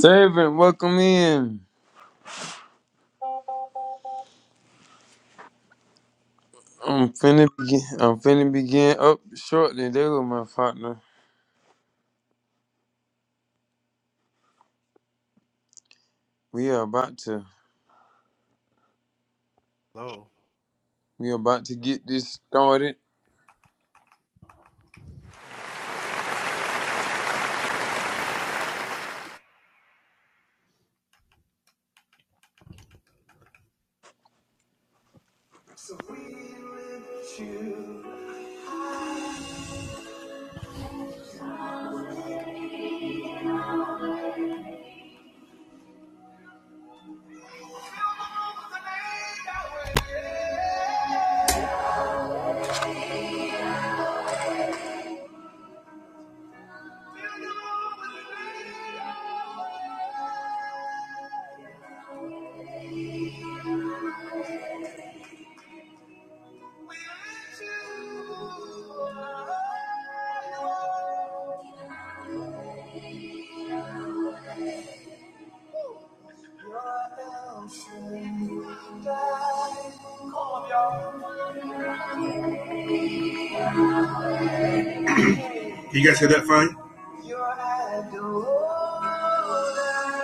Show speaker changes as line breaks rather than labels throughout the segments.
Servant, welcome in. I'm finna begin. I'm finna begin up shortly. There go my partner. We are about to.
Hello.
We are about to get this started.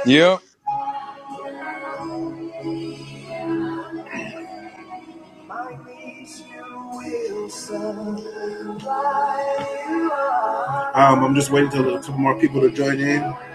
Yep,
Um, I'm just waiting till a couple more people to join in. How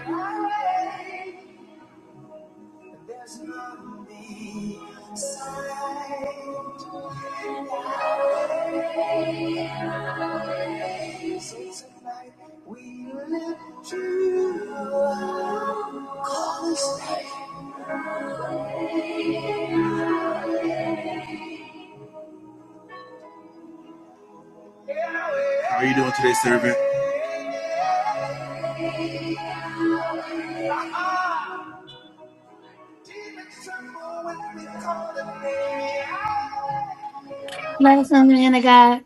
are you doing today, servant?
Let us know, man God.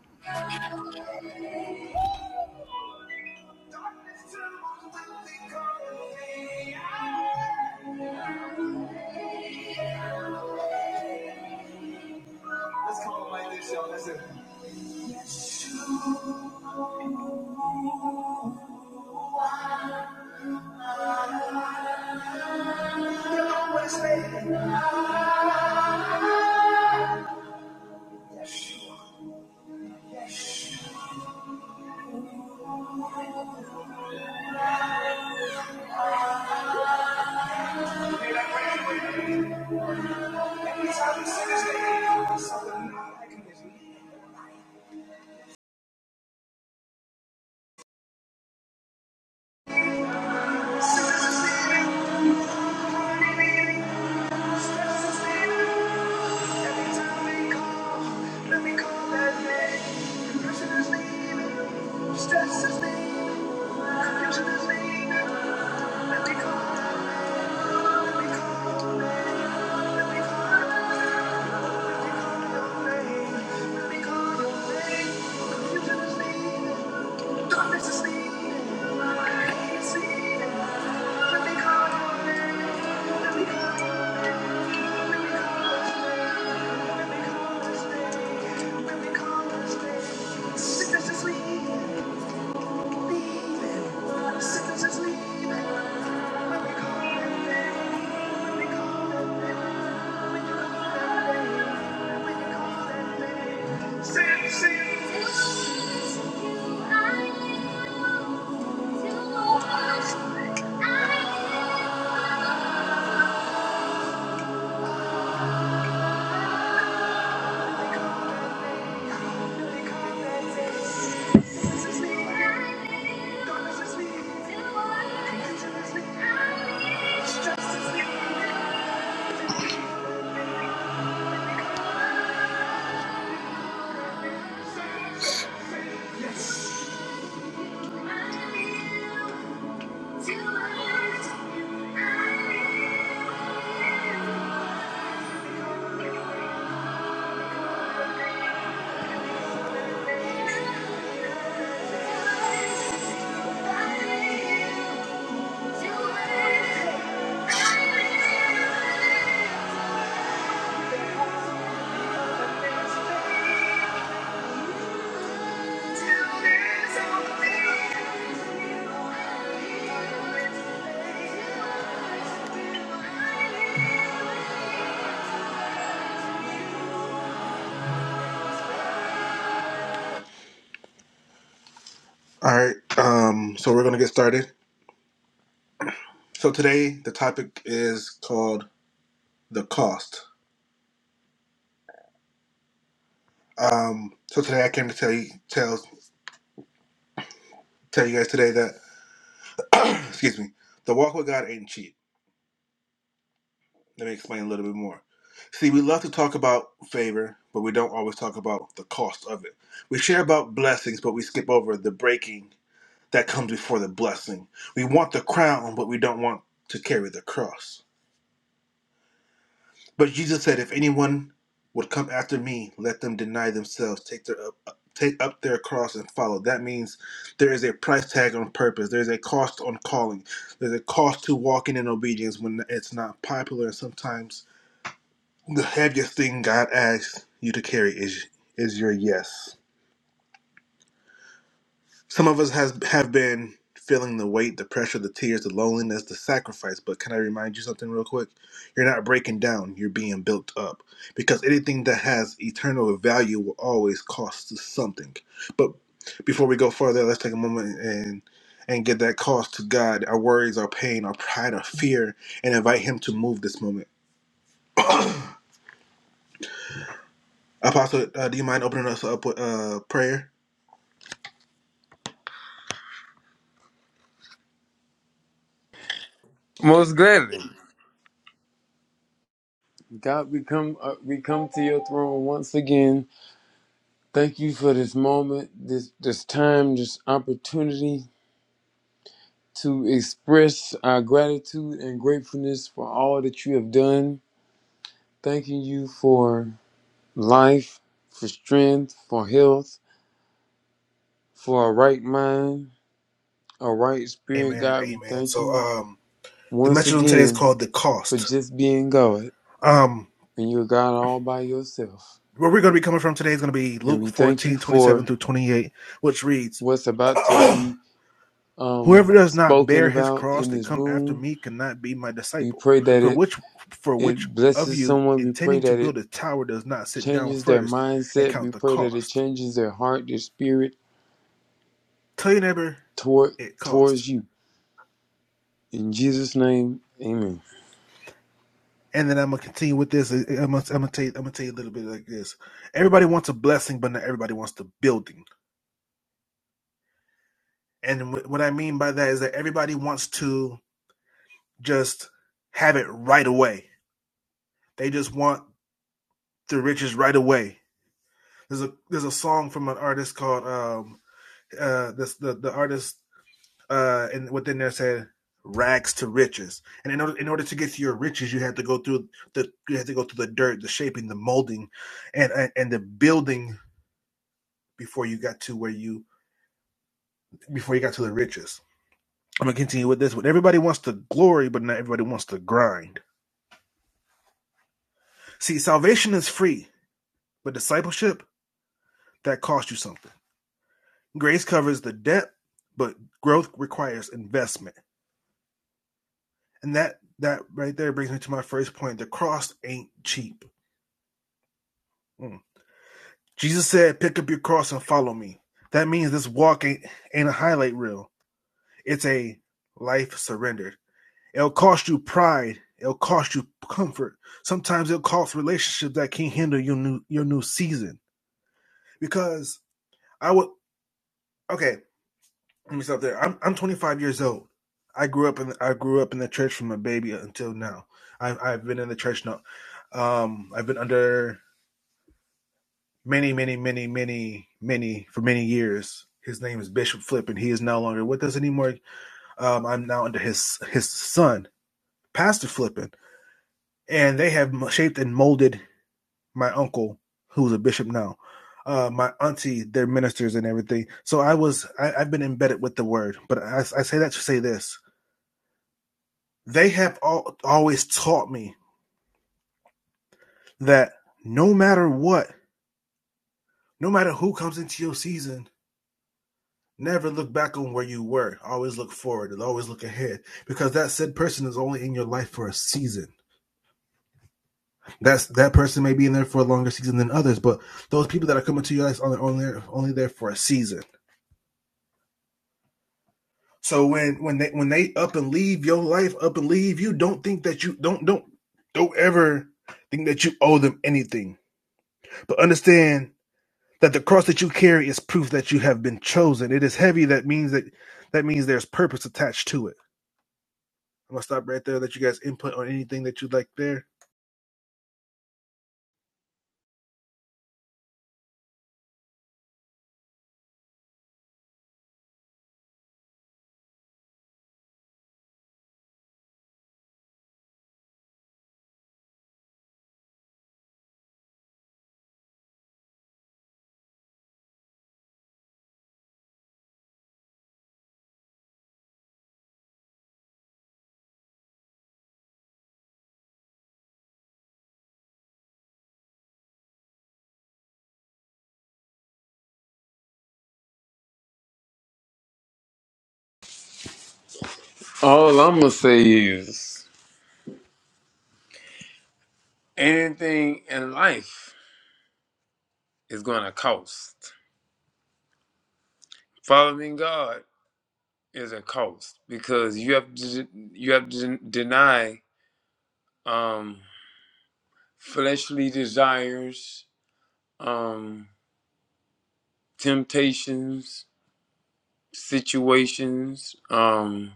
Darkness is leading, light is leading. Let me call your name, let me call your name, let me call his name, let me call his name, Sickness is leaving, Sickness is leaving. Let me call your name, let me call your name, when you call your name, when you call your name. Say it, say it. Thank you. Thank you.
most gladly. God, we come. Uh, we come to your throne once again. Thank you for this moment, this this time, this opportunity to express our gratitude and gratefulness for all that you have done. Thanking you for life, for strength, for health, for a right mind All right, Spirit God, we thank you once again for just being God and you're God all by yourself. And we thank you for what's about to be um, spoken about in this room. We pray that it it blesses someone. We pray that it changes their mindset. We pray that it changes their heart, their spirit toward towards you. In Jesus' name, Amen. All I'm gonna say is anything in life. is going to cost. Following God is a cost because you have to you have to deny um, fleshly desires, um, temptations, situations. Um,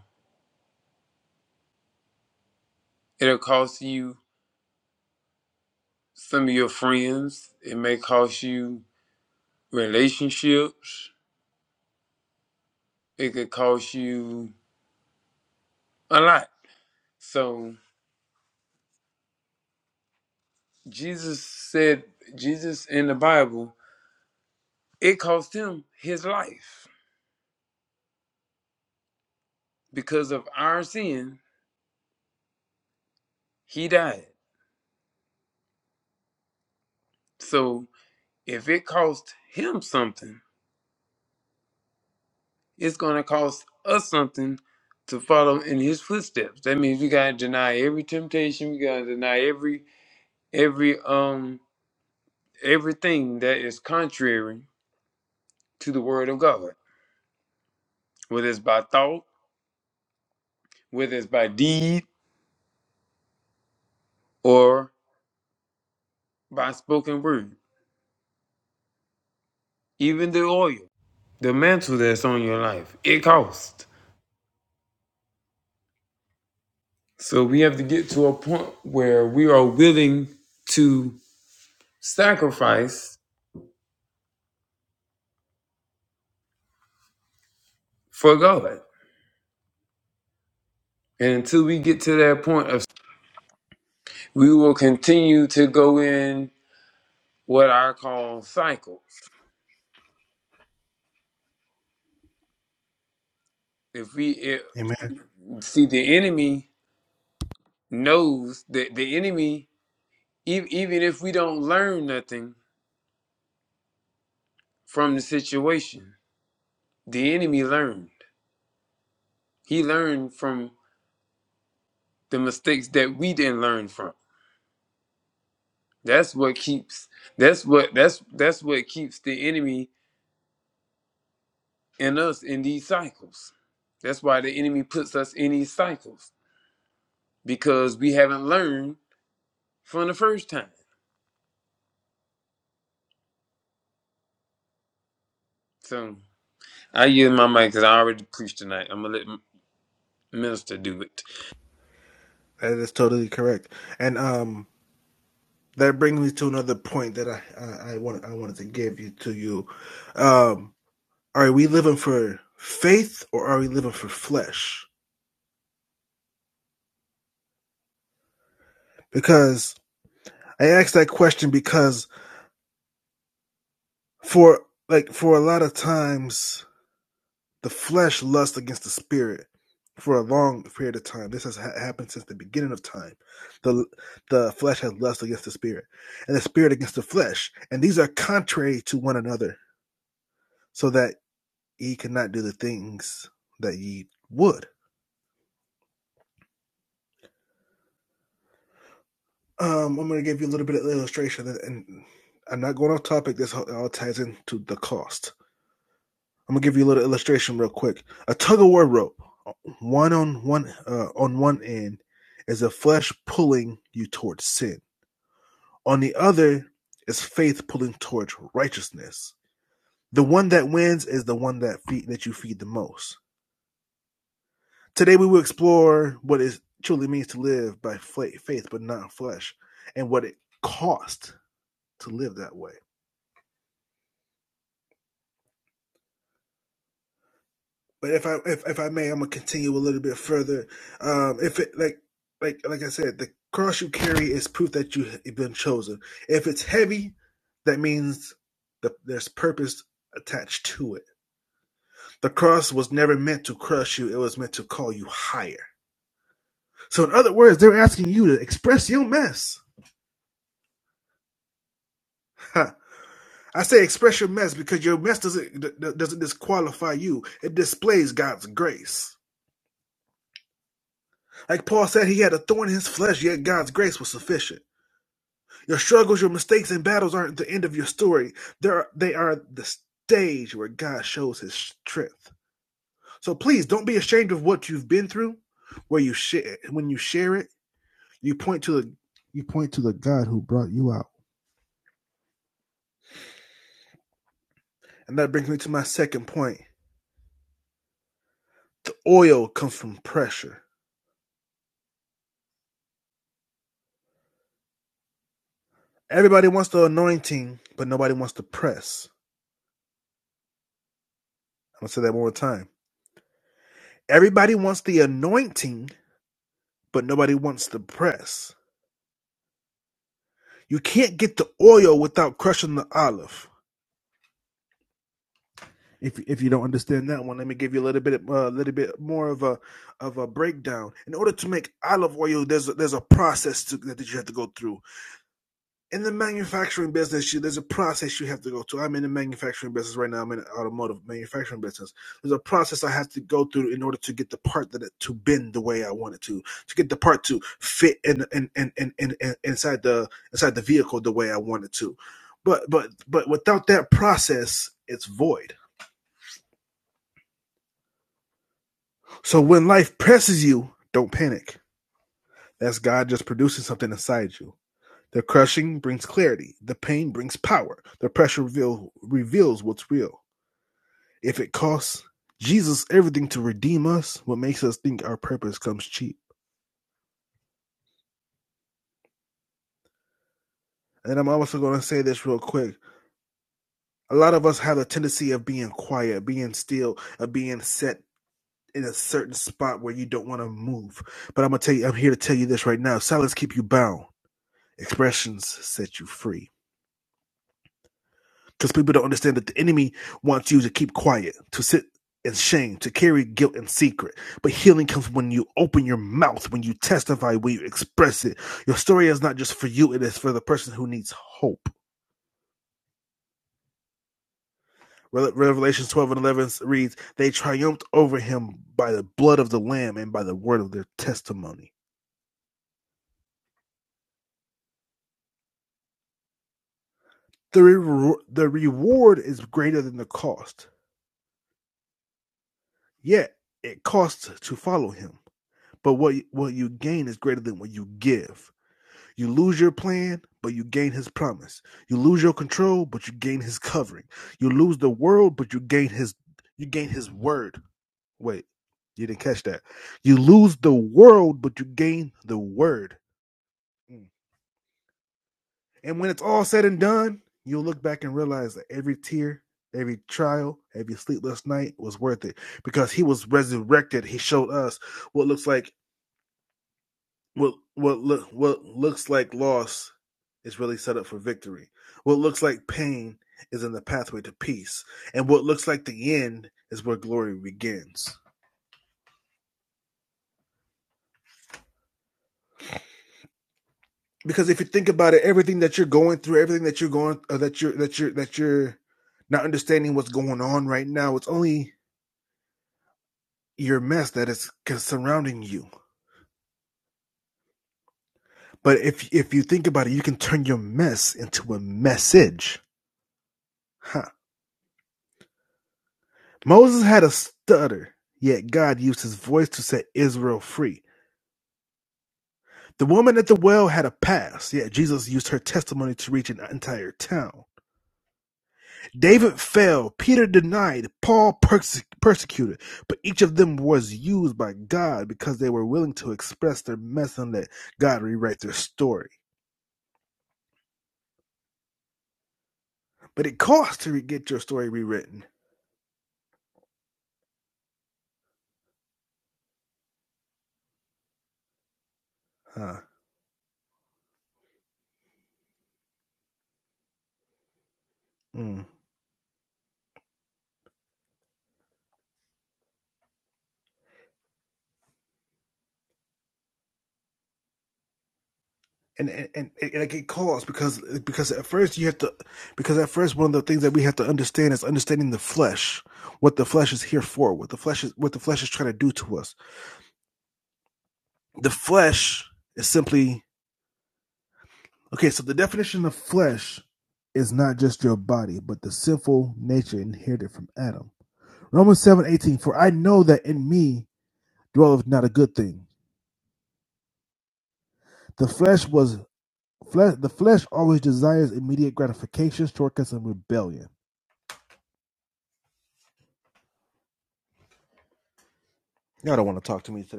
it'll cost you some of your friends. It may cost you relationships. It could cost you a lot. So Jesus said, Jesus in the Bible, it cost him his life because of our sin, he died. So if it cost him something, it's going to cost us something to follow in his footsteps. That means we got to deny every temptation, we got to deny every every um everything that is contrary to the word of God, whether it's by thought, whether it's by deed or by spoken word, even the oil, the mantle that's on your life, it costs. So we have to get to a point where we are willing to sacrifice for God. And until we get to that point of we will continue to go in what I call cycles. If we if, see the enemy knows that the enemy e- even if we don't learn nothing from the situation, the enemy learned. He learned from the mistakes that we didn't learn from. That's what keeps that's what that's that's what keeps the enemy in us in these cycles. That's why the enemy puts us in these cycles because we haven't learned from the first time. So I use my mic because I already preached tonight. I'm gonna let M- minister do it.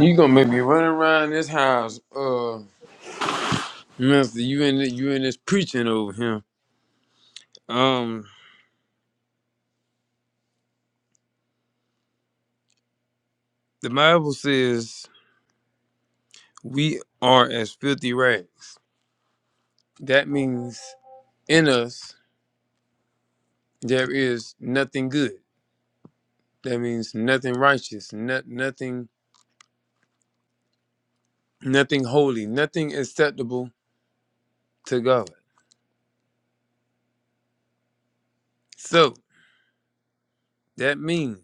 You gonna make me run around this house, uh, minister? You in the, you in this preaching over here? Um, the Bible says we are as filthy rags. That means in us There is nothing good. That means nothing righteous, not, nothing, nothing holy, nothing acceptable to God. So that means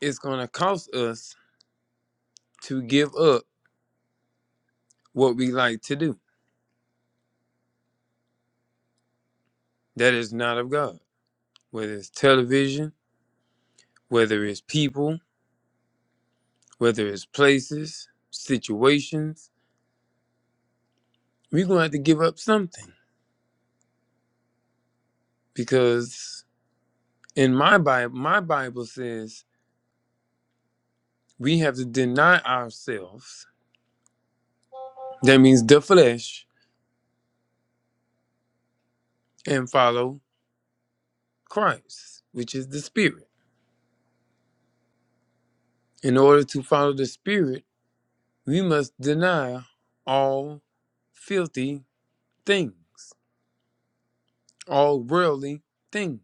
it's going to cost us to give up what we like to do that is not of God, whether it's television, whether it's people, whether it's places, situations. We're going to have to give up something because in my Bible, my Bible says we have to deny ourselves That means the flesh and follow Christ, which is the spirit. In order to follow the spirit, we must deny all filthy things, all worldly things.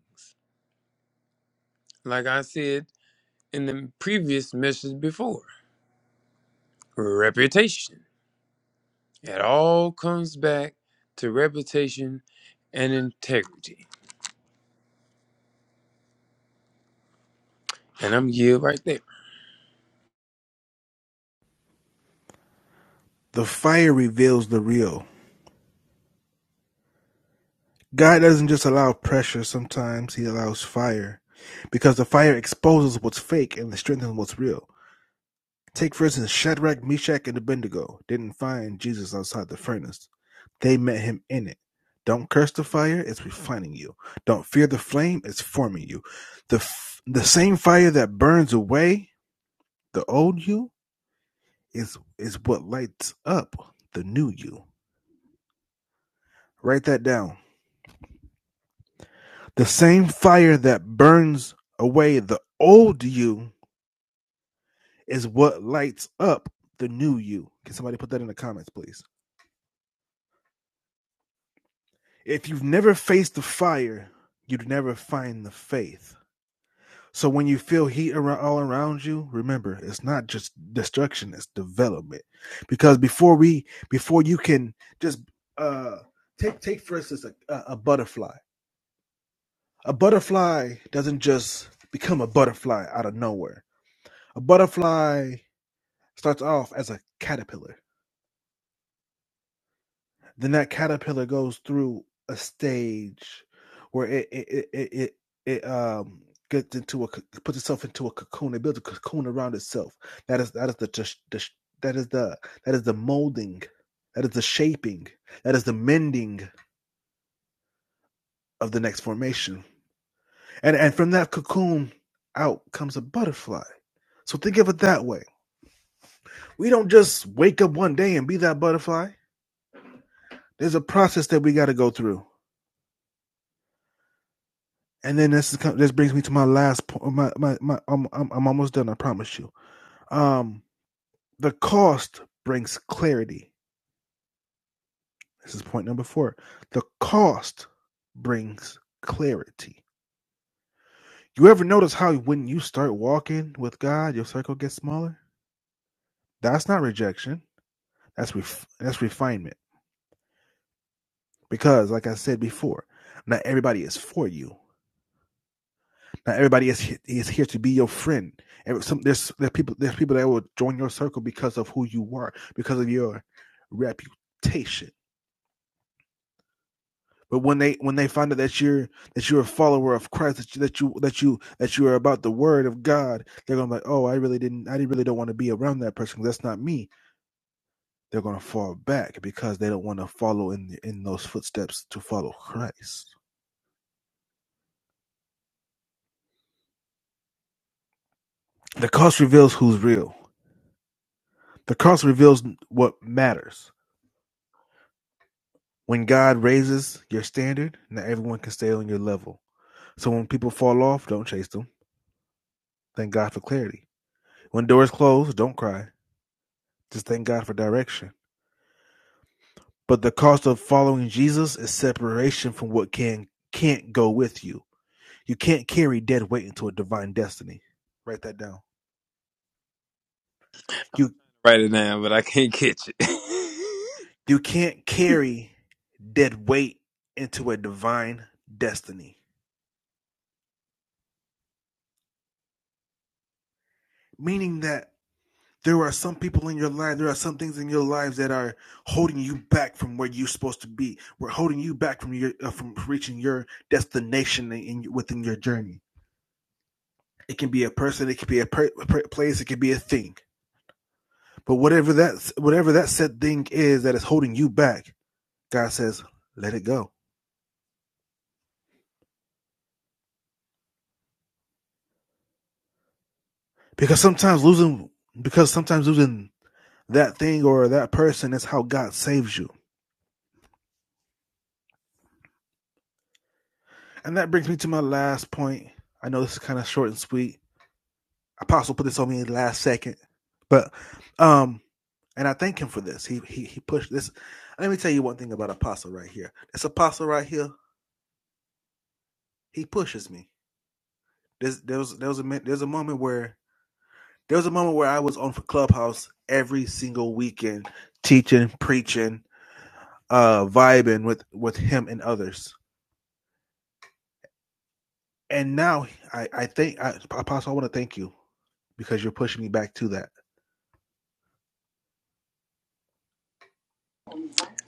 Like I said in the previous message before, reputation. It all comes back to reputation and integrity. And I'm here right there. I'm trying to write it down, but I can't catch it.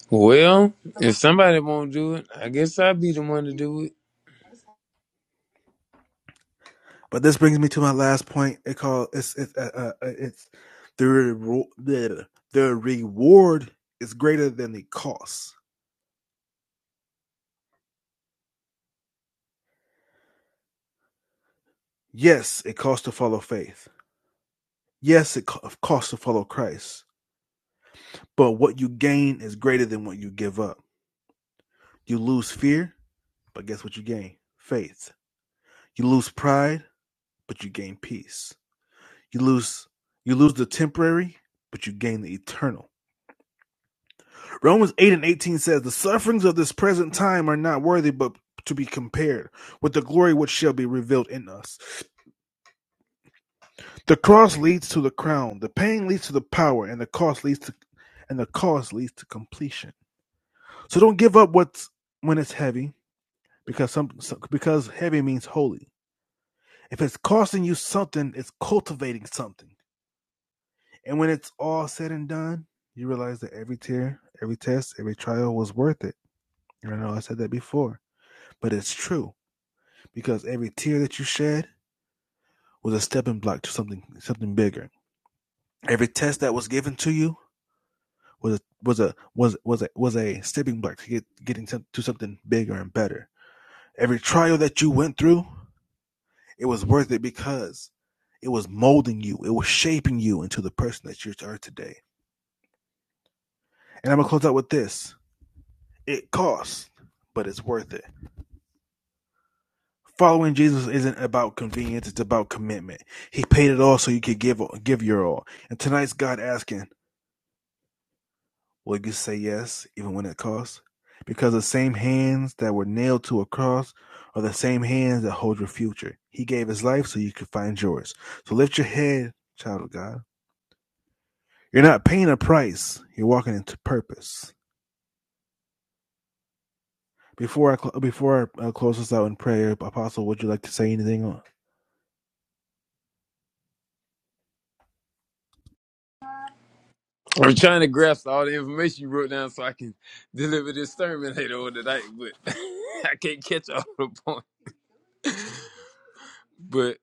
Well, if somebody won't do it, I guess I'll be the one to do it. I'm trying to grasp all the information you wrote down so I can deliver this sermon later on tonight, but I can't catch all the points. But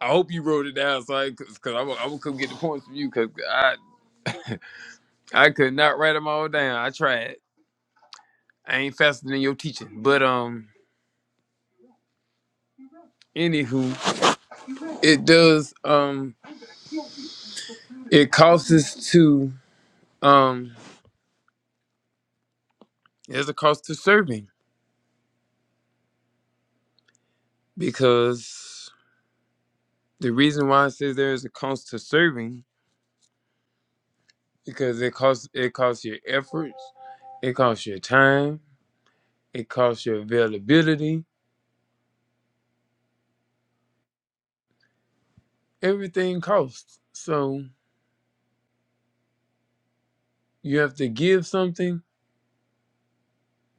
I hope you wrote it down so I, cause, cause I'm, I'm gonna come get the points from you, cause I I could not write them all down. I tried. I ain't faster than your teaching, but um, anywho, it does um, it costs us to um, there's a cost to serving because. The reason why it says there is a cost to serving because it costs it costs your efforts, it costs your time, it costs your availability. Everything costs. So you have to give something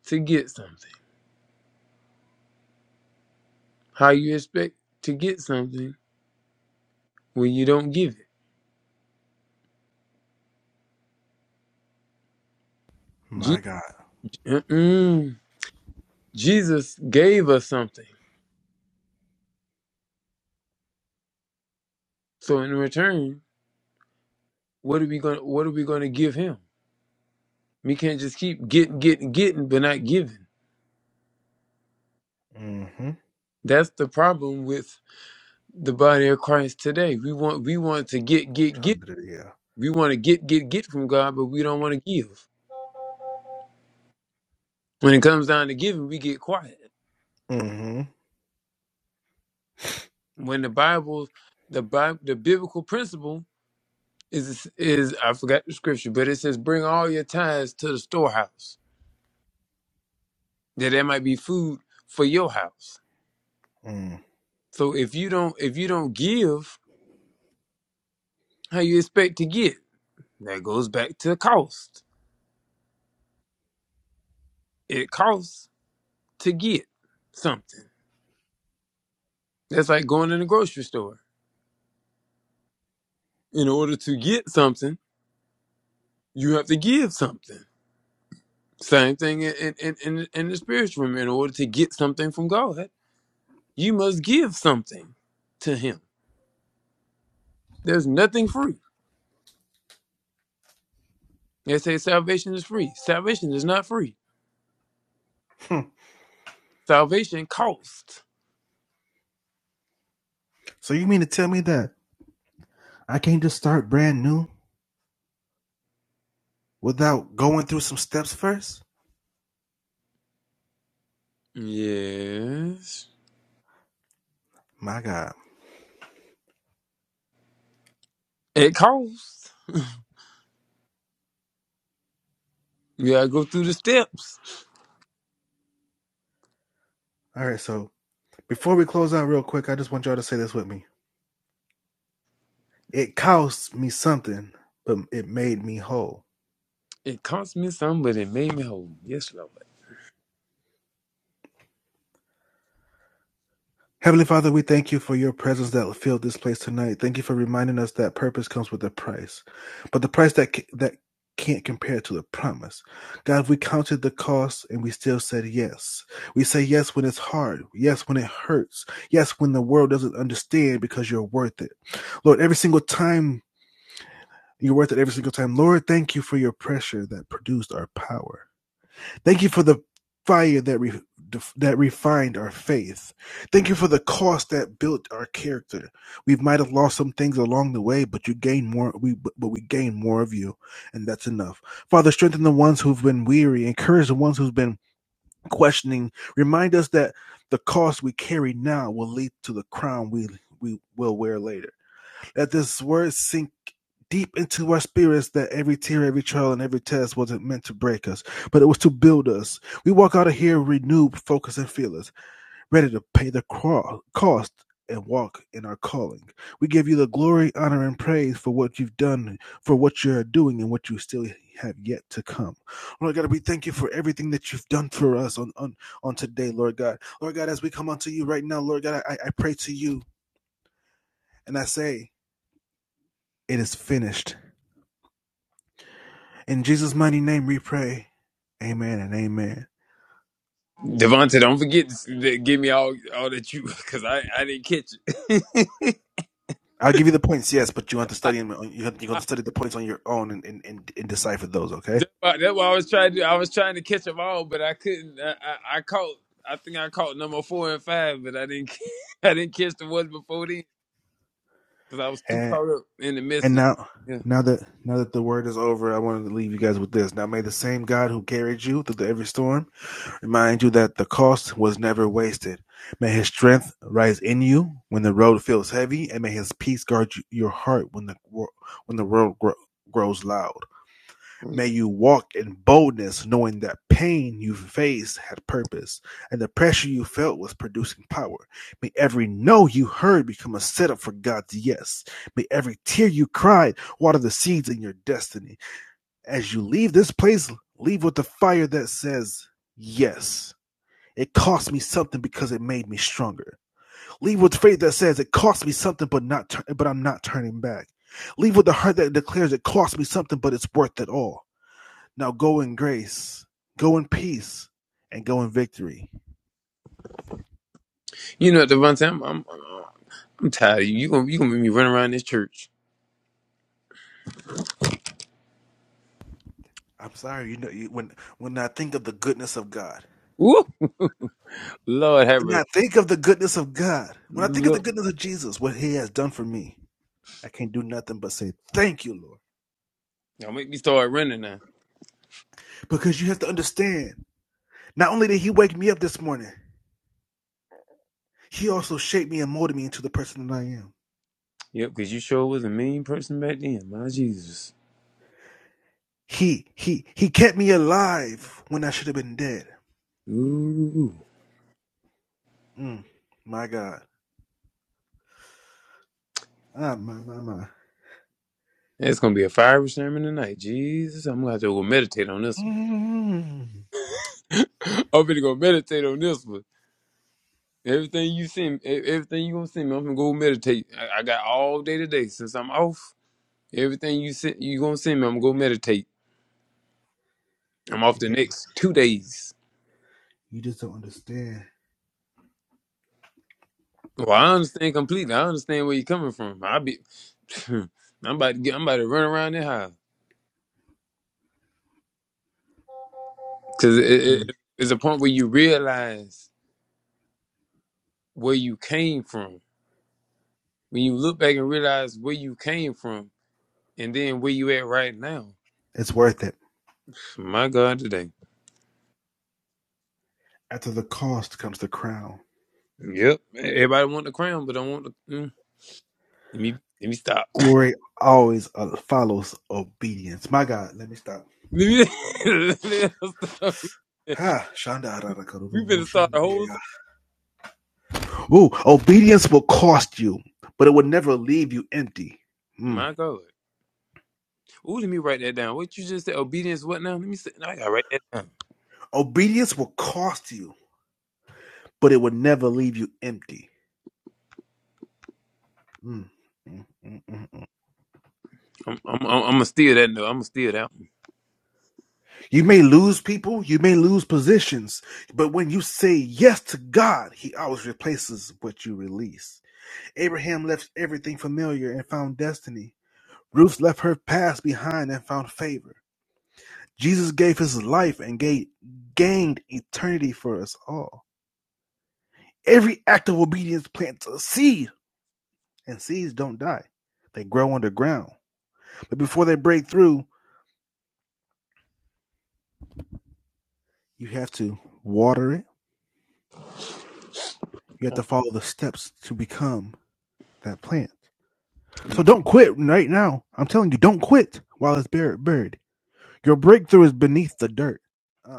to get something. How you expect to get something when you don't give it? Je- mm-mm. Jesus gave us something. So in return, what are we going what are we going to give him? We can't just keep getting getting getting but not giving. That's the problem with the body of Christ today. We want we want to get get get. We want to get get get from God, but we don't want to give. When it comes down to giving, we get quiet. When the Bible, the Bible, the biblical principle is is I forgot the scripture, but it says, "Bring all your tithes to the storehouse, that there might be food for your house." So if you don't if you don't give, how you expect to get? That goes back to the cost. It costs to get something. That's like going in the grocery store in order to get something, you have to give something. Same thing in, in, in, in the spiritual realm. In order to get something from God, you must give something to Him. There's nothing free. They say salvation is free. Salvation is not free. Salvation costs. Yes. It costs. You gotta go through the steps. It cost me some, but it made me whole. Yes, Lord. Devonta, don't forget to s- to give me all all that you, because I, I didn't catch it. I, That's why, that's why I was trying to I was trying to catch them all, but I couldn't. I, I, I caught. I think I caught number four and five, but I didn't. I didn't catch the ones before then because I was too caught up in the message. Yeah, Oh, yeah. You know, Devontae, I'm I'm, I'm, I'm tired of you. You gonna you gonna make me run around this church? Woo! Lord have mercy. Look, don't make me start running now. Yep, because you sure was a mean person back then. My Jesus. Ooh. It's gonna be a fiery sermon tonight. Jesus, I'm gonna have to go meditate on this. I'm finna go meditate on this one. Everything you send, e- everything you gonna send me, I'm gonna go meditate. I, I got all day today since I'm off. Everything you send, you gonna send me, I'm gonna go meditate. I'm off the next two days. Well, I understand completely. I understand where you're coming from. I be, I'm about to get, I'm about to run around that house because it, it, it- it's a point where you realize where you came from. When you look back and realize where you came from, and then where you at right now. My God, today. Yep. Everybody want the crown, but don't want the. Mm. Let me let me stop. Let me, let me stop. We better start a whole. thing. My God. Ooh, let me write that down. What you just said? Obedience. What now? Let me. Say, I gotta write that down. I'm I'm I'm, gonna steal that. note. I'm gonna steal that. One.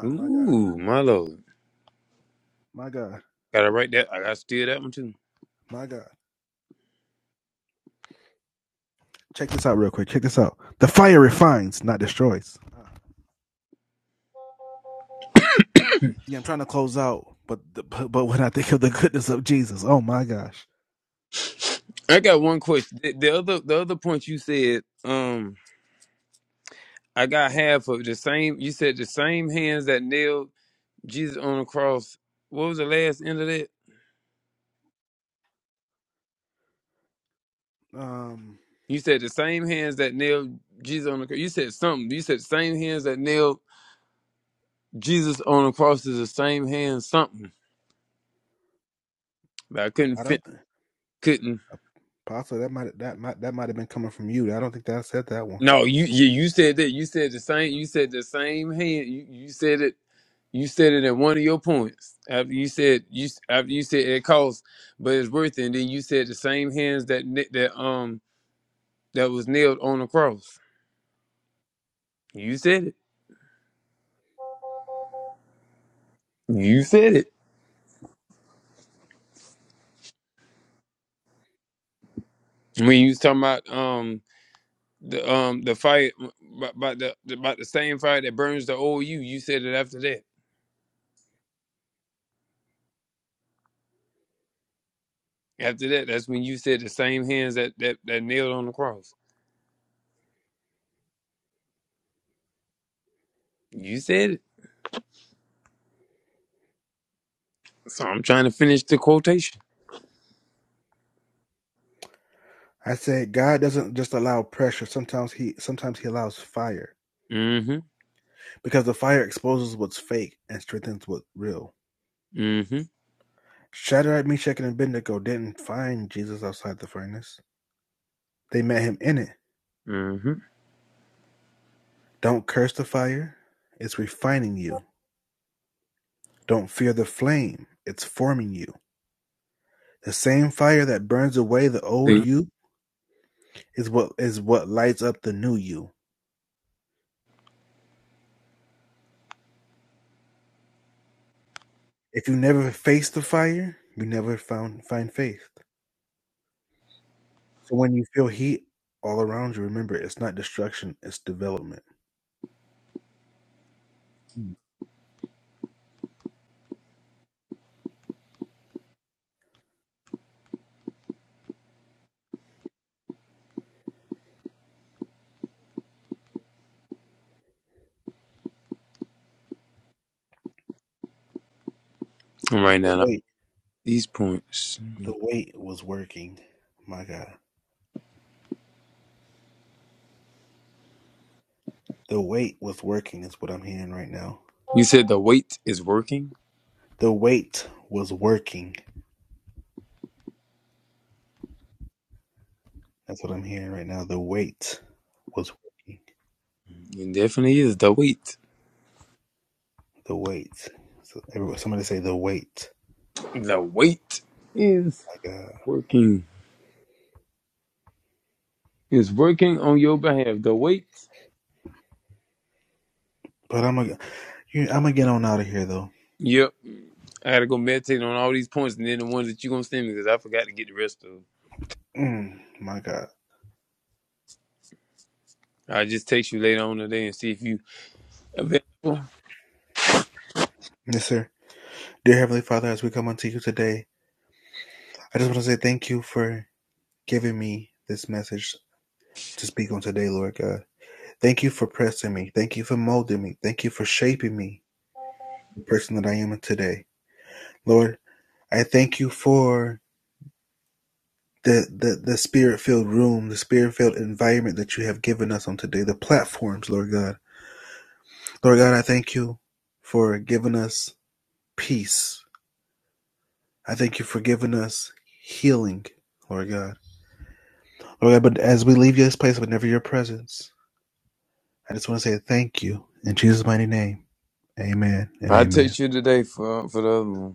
Ooh, my lord! Gotta write that. I gotta steal that one too. I got one question. The, the other the other point you said, um, I got half of the same you said the same hands that nailed Jesus on the cross. What was the last end of that? You said the same hands that nailed Jesus on the cross. You said something. You said the same hands that nailed Jesus on the cross is the same hands something. But I couldn't fit couldn't no, you you, you said that. You said the same you said the same hand. You, you said it You said it in one of your points. After you said you after you said it costs, but it's worth it. And then you said the same hands that ni- that um that was nailed on the cross. You said it. You said it when you was talking about um the um the fire about about the about the same fire that burns the old you. You said it after that. After that, that's when you said the same hands that that that nailed on the cross. You said it. So I'm trying to finish the quotation. Mm-hmm. Mm-hmm. Mm-hmm. See, right now. These points. You said the weight is working? It definitely is. The weight. The weight is working. It's working on your behalf. The weight. Yep. I gotta go meditate on all these points and then the ones that you're gonna send me because I forgot to get the rest of them. I'll just text you later on today and see if you available. I'll text you today for for the other one.